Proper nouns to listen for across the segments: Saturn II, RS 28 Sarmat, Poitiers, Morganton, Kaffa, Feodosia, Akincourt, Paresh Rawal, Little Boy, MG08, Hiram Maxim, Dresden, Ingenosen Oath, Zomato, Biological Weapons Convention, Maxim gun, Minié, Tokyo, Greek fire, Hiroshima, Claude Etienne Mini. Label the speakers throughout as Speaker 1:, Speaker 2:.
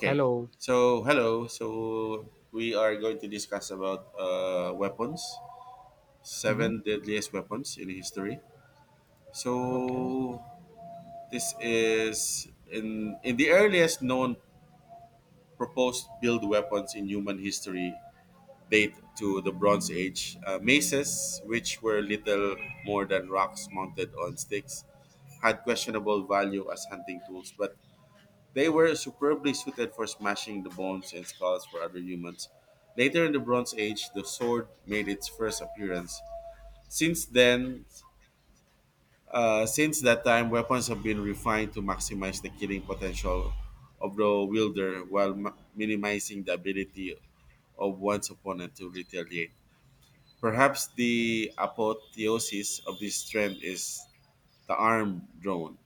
Speaker 1: Okay.
Speaker 2: Hello.
Speaker 1: So hello. So we are going to discuss about weapons,
Speaker 2: Hmm.
Speaker 1: seven deadliest weapons in history.
Speaker 2: Okay.
Speaker 1: So this is in the earliest known proposed build weapons in human history date to the Bronze Age. Maces, which were little more than rocks mounted on sticks, had questionable value as hunting tools, but they were superbly suited for smashing the bones and skulls for other humans. Later in the Bronze Age, the sword made its first appearance. Since then, since that time, weapons have been refined to maximize the killing potential of the wielder while minimizing the ability of one's opponent to retaliate. Perhaps the apotheosis of this trend is the arm drone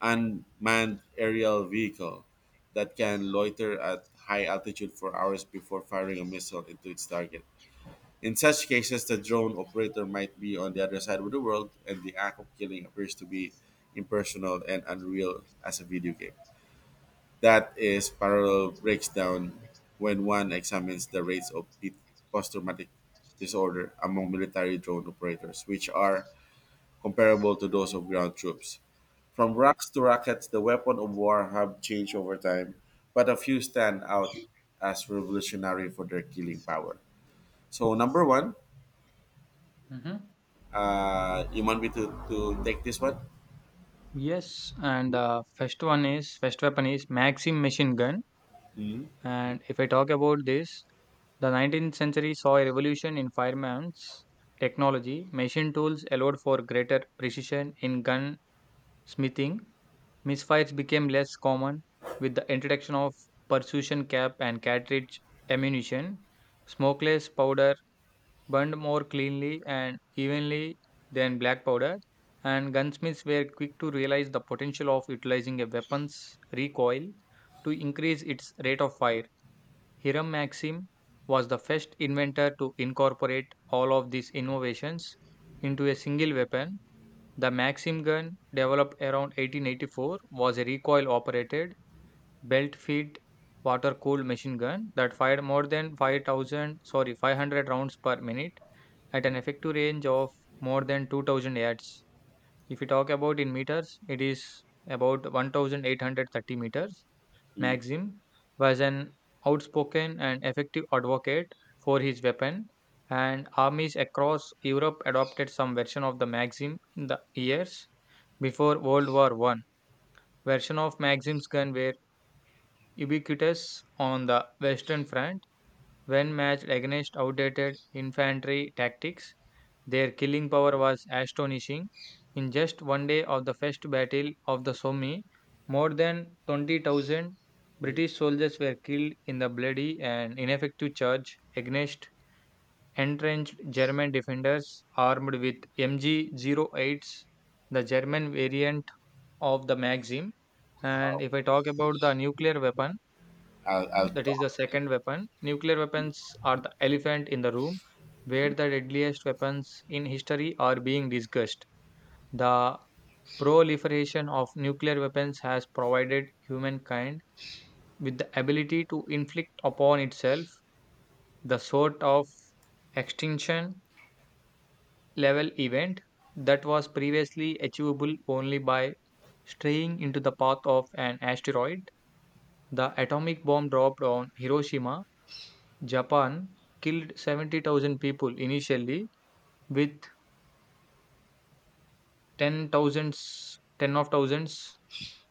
Speaker 1: unmanned aerial vehicle that can loiter at high altitude for hours before firing a missile into its target. In such cases, the drone operator might be on the other side of the world, and the act of killing appears to be impersonal and unreal as a video game. That is parallel breaks down when one examines the rates of post-traumatic disorder among military drone operators, which are comparable to those of ground troops. From rocks to rockets, the weapon of war have changed over time, but a few stand out as revolutionary for their killing power. So number one,
Speaker 2: Hmm.
Speaker 1: you want me to take this one?
Speaker 2: Yes, and first weapon is Maxim machine gun.
Speaker 1: Hmm.
Speaker 2: And if I talk about this, the 19th century saw a revolution in firearms technology. Machine tools allowed for greater precision in gun smithing. Misfires became less common with the introduction of precision cap and cartridge ammunition. Smokeless powder burned more cleanly and evenly than black powder, and gunsmiths were quick to realize the potential of utilizing a weapon's recoil to increase its rate of fire. Hiram Maxim was the first inventor to incorporate all of these innovations into a single weapon. The Maxim gun, developed around 1884, was a recoil operated, belt fed water cooled machine gun that fired more than 5,000, sorry, 500 rounds per minute at an effective range of more than 2000 yards. If we talk about in meters, it is about 1830 meters.
Speaker 1: Hmm.
Speaker 2: Maxim was an outspoken and effective advocate for his weapon, and armies across Europe adopted some version of the Maxim in the years before World War I. Version of Maxim's gun were ubiquitous on the Western Front. When matched against outdated infantry tactics, their killing power was astonishing. In just one day of the first battle of the Somme, more than 20,000 British soldiers were killed in the bloody and ineffective charge against entrenched German defenders armed with MG08s, the German variant of the Maxim. And
Speaker 1: Wow.
Speaker 2: if I talk about the nuclear weapon,
Speaker 1: I'll
Speaker 2: that is
Speaker 1: talk.
Speaker 2: the second weapon. Nuclear weapons are the elephant in the room where the deadliest weapons in history are being discussed. The proliferation of nuclear weapons has provided humankind with the ability to inflict upon itself the sort of extinction level event that was previously achievable only by straying into the path of an asteroid. The atomic bomb dropped on Hiroshima, Japan, killed 70,000 people initially, with ten thousands, 10 of thousands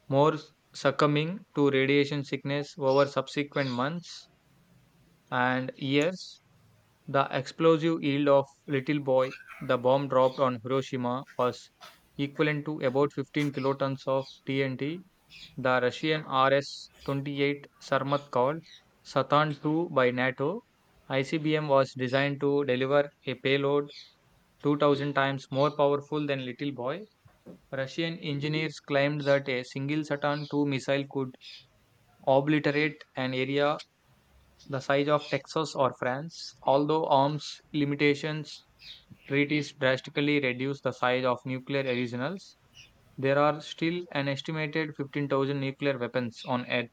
Speaker 2: more succumbing to radiation sickness over subsequent months and years. The explosive yield of Little Boy, the bomb dropped on Hiroshima, was equivalent to about 15 kilotons of TNT. The Russian RS 28 Sarmat, called Saturn II by NATO, ICBM was designed to deliver a payload 2000 times more powerful than Little Boy. Russian engineers claimed that a single Saturn II missile could obliterate an area the size of Texas or France. Although arms limitations treaties drastically reduce the size of nuclear arsenals, there are still an estimated 15,000 nuclear weapons on Earth.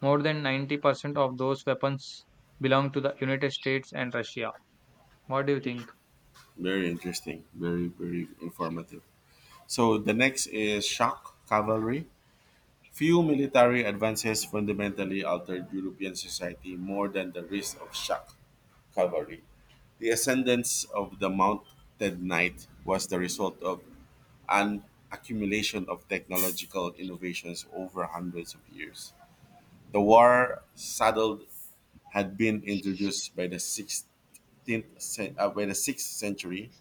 Speaker 2: More than 90% of those weapons belong to the United States and Russia. What do you think?
Speaker 1: Very interesting, very, very informative. So the next is shock cavalry. Few military advances fundamentally altered European society more than the risk of shock cavalry. The ascendance of the mounted knight was the result of an accumulation of technological innovations over hundreds of years. The war saddle had been introduced by the 6th century,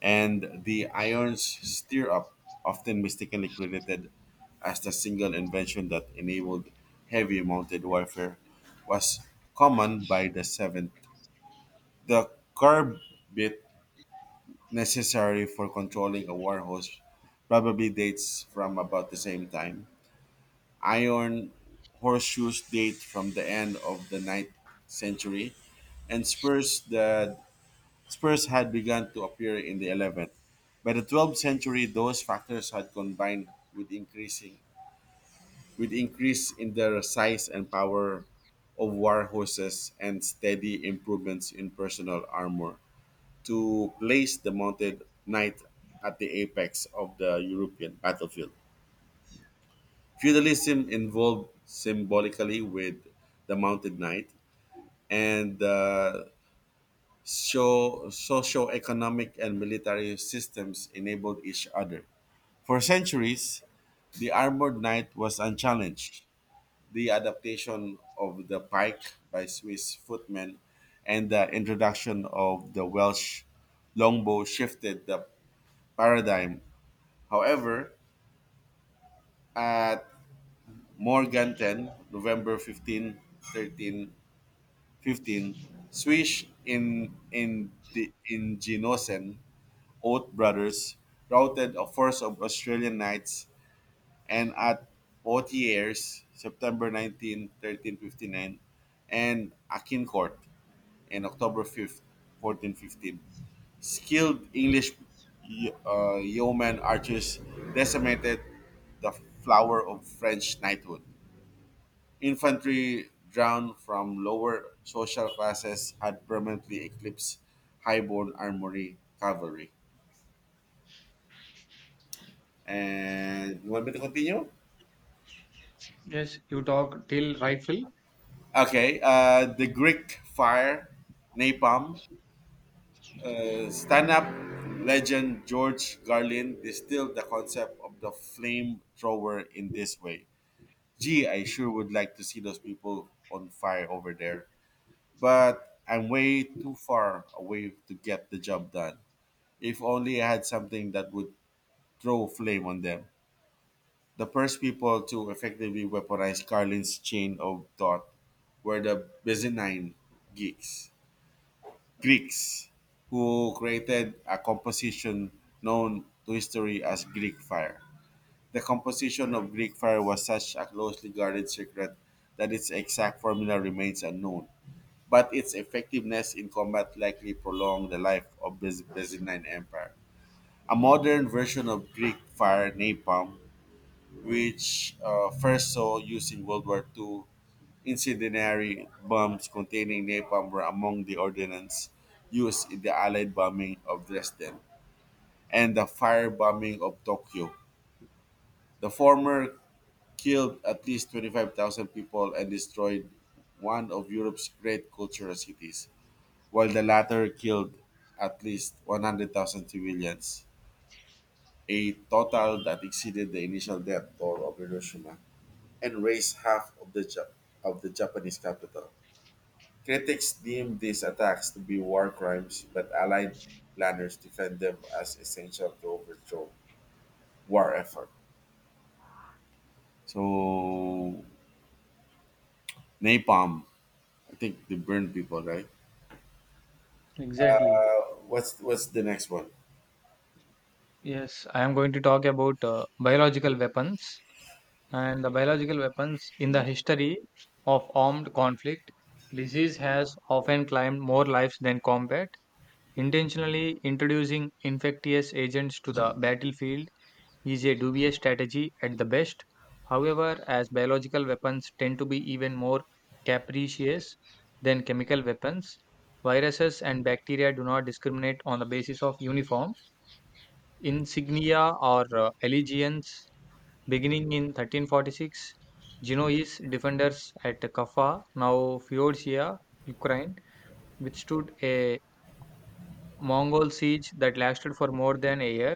Speaker 1: and the iron stirrup, often mistakenly credited as the single invention that enabled heavy mounted warfare, was common by the 7th. The curb bit necessary for controlling a war horse probably dates from about the same time. Iron horseshoes date from the end of the ninth century, and spurs the spurs had begun to appear in the 11th. By the 12th century, those factors had combined with increasing with increase in their size and power of war horses and steady improvements in personal armor to place the mounted knight at the apex of the European battlefield. Feudalism involved symbolically with the mounted knight, and the socio-economic and military systems enabled each other. For centuries, the armored knight was unchallenged. The adaptation of the pike by Swiss footmen and the introduction of the Welsh longbow shifted the paradigm. However, at Morganton, November 15, 13, 15, Swiss in the Ingenosen Oath brothers routed a force of Australian knights, and at Poitiers, September 19, 1359, and Akincourt in October 5th, 1415. Skilled English yeoman archers decimated the flower of French knighthood. Infantry drawn from lower social classes had permanently eclipsed highborn armory cavalry. And you want me to continue?
Speaker 2: Yes, you talk till rifle.
Speaker 1: Okay. The Greek fire, napalm, stand-up legend George Garlin distilled the concept of the flame thrower in this way. Gee, I sure would like to see those people on fire over there, but I'm way too far away to get the job done. If only I had something that would throw flame on them. The first people to effectively weaponize Carlin's chain of thought were the Byzantine Greeks, Greeks who created a composition known to history as Greek fire. The composition of Greek fire was such a closely guarded secret that its exact formula remains unknown, but its effectiveness in combat likely prolonged the life of the Byzantine Empire. A modern version of Greek fire napalm, which first saw use in World War II. Incendiary bombs containing napalm were among the ordnance used in the Allied bombing of Dresden and the firebombing of Tokyo. The former killed at least 25,000 people and destroyed one of Europe's great cultural cities, while the latter killed at least 100,000 civilians. A total that exceeded the initial death toll of Hiroshima and raised half of the Japanese capital. Critics deemed these attacks to be war crimes, but Allied planners defend them as essential to overthrow war effort. So napalm, I think they burn people, right?
Speaker 2: Exactly.
Speaker 1: What's the next one?
Speaker 2: Yes, I am going to talk about biological weapons. And the biological weapons in the history of armed conflict. Disease has often claimed more lives than combat. Intentionally introducing infectious agents to the battlefield is a dubious strategy at the best. However, as biological weapons tend to be even more capricious than chemical weapons, viruses and bacteria do not discriminate on the basis of uniform insignia or allegiance. Beginning in 1346, Genoese defenders at Kaffa, now Feodosia, Ukraine, withstood a Mongol siege that lasted for more than a year.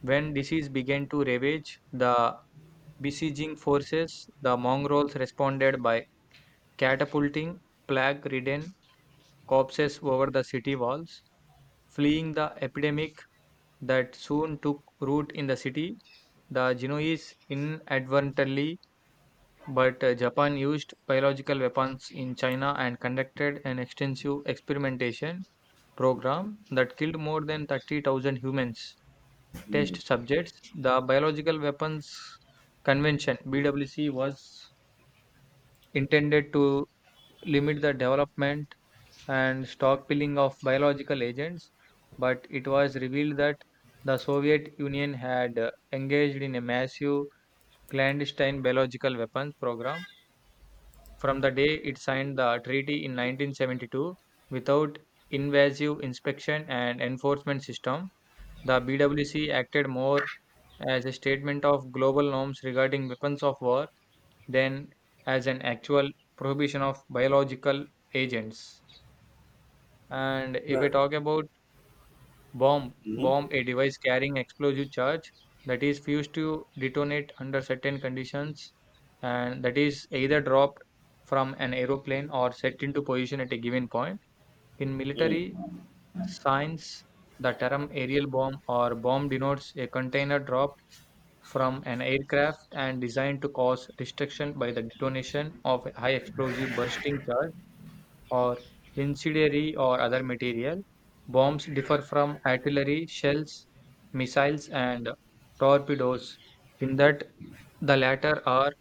Speaker 2: When disease began to ravage the besieging forces, the Mongols responded by catapulting plague ridden corpses over the city walls. Fleeing the epidemic that soon took root in the city, the Genoese inadvertently. But Japan used biological weapons in China and conducted an extensive experimentation program that killed more than 30,000 humans. Test
Speaker 1: Mm.
Speaker 2: subjects. The Biological Weapons Convention (BWC) was intended to limit the development and stockpiling of biological agents, but it was revealed that the Soviet Union had engaged in a massive clandestine biological weapons program from the day it signed the treaty in 1972, without invasive inspection and enforcement system. The BWC acted more as a statement of global norms regarding weapons of war than as an actual prohibition of biological agents. And if I
Speaker 1: Right.
Speaker 2: talk about Bomb
Speaker 1: Mhm.
Speaker 2: bomb a device carrying explosive charge that is fused to detonate under certain conditions and that is either dropped from an aeroplane or set into position at a given point. In military science, the term aerial bomb or bomb denotes a container dropped from an aircraft and designed to cause destruction by the detonation of a high explosive bursting charge or incendiary or other material. Bombs differ from artillery shells, missiles, and torpedoes in that the latter are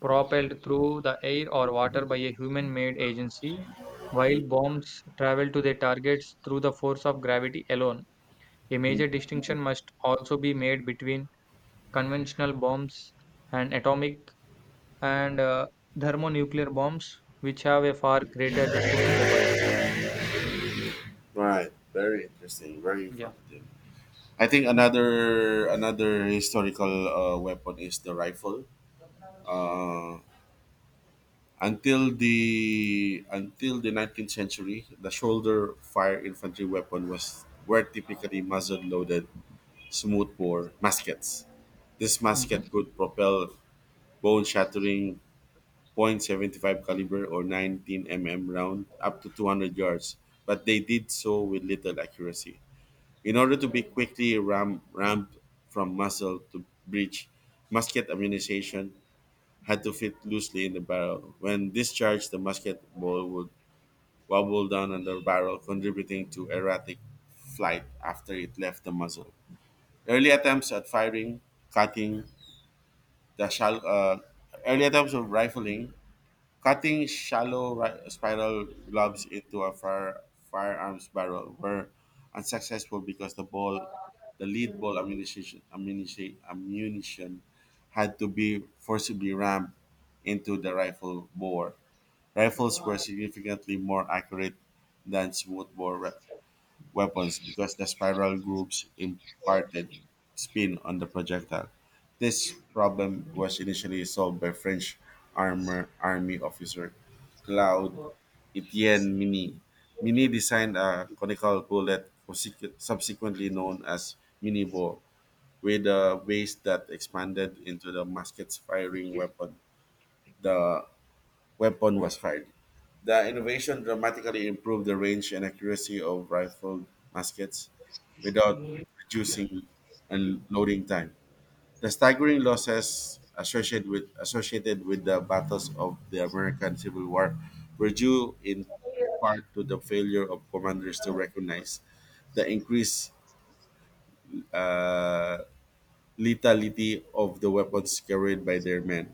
Speaker 2: propelled through the air or water by a human made agency, while bombs travel to their targets through the force of gravity alone. A
Speaker 1: Mhm.
Speaker 2: major distinction must also be made between conventional bombs and atomic and thermonuclear bombs, which have a far greater destructive capacity.
Speaker 1: Right. Very interesting. Very
Speaker 2: Yeah.
Speaker 1: informative. I think another historical weapon is the rifle. Uh, until the 19th century, the shoulder fire infantry weapon was were typically muzzle-loaded smoothbore muskets. This
Speaker 2: Hmm.
Speaker 1: musket could propel bone-shattering .75 caliber or 19 mm round up to 200 yards, but they did so with little accuracy. In order to be quickly rammed from muzzle to breech, musket ammunition had to fit loosely in the barrel. When discharged, the musket ball would wobble down on the barrel, contributing to erratic flight after it left the muzzle. Early attempts at firing, cutting the shal- uh, early attempts of rifling, cutting shallow spiral globs into a firearms barrel were unsuccessful because the lead ball ammunition had to be forcibly rammed into the rifle bore. Rifles were significantly more accurate than smoothbore weapons because the spiral grooves imparted spin on the projectile. This problem was initially solved by French army officer Claude Etienne Mini. Mini designed a conical bullet, subsequently known as Mini Minibo, with a base that expanded into the musket's firing weapon. The weapon was fired. The innovation dramatically improved the range and accuracy of rifled muskets, without reducing and loading time. The staggering losses associated with the battles of the American Civil War were due in part to the failure of commanders to recognize the increased uh, lethality of the weapons carried by their men.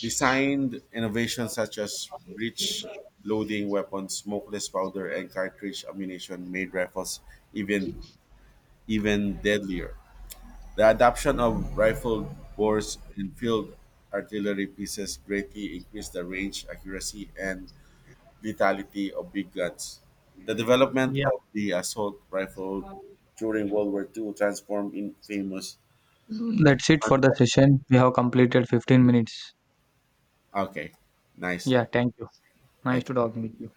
Speaker 1: Designed innovations such as breech loading weapons, smokeless powder, and cartridge ammunition made rifles even even deadlier. The adoption of rifled bores and field artillery pieces greatly increased the range, accuracy, and lethality of big guns. The development
Speaker 2: Yeah.
Speaker 1: of the assault rifle during World War II transformed in famous. It
Speaker 2: That's it for the
Speaker 1: transformed,
Speaker 2: session. We have completed 15 minutes.
Speaker 1: okay, nice.
Speaker 2: Yeah, thank you. Nice
Speaker 1: Thank
Speaker 2: to
Speaker 1: you.
Speaker 2: talk with you.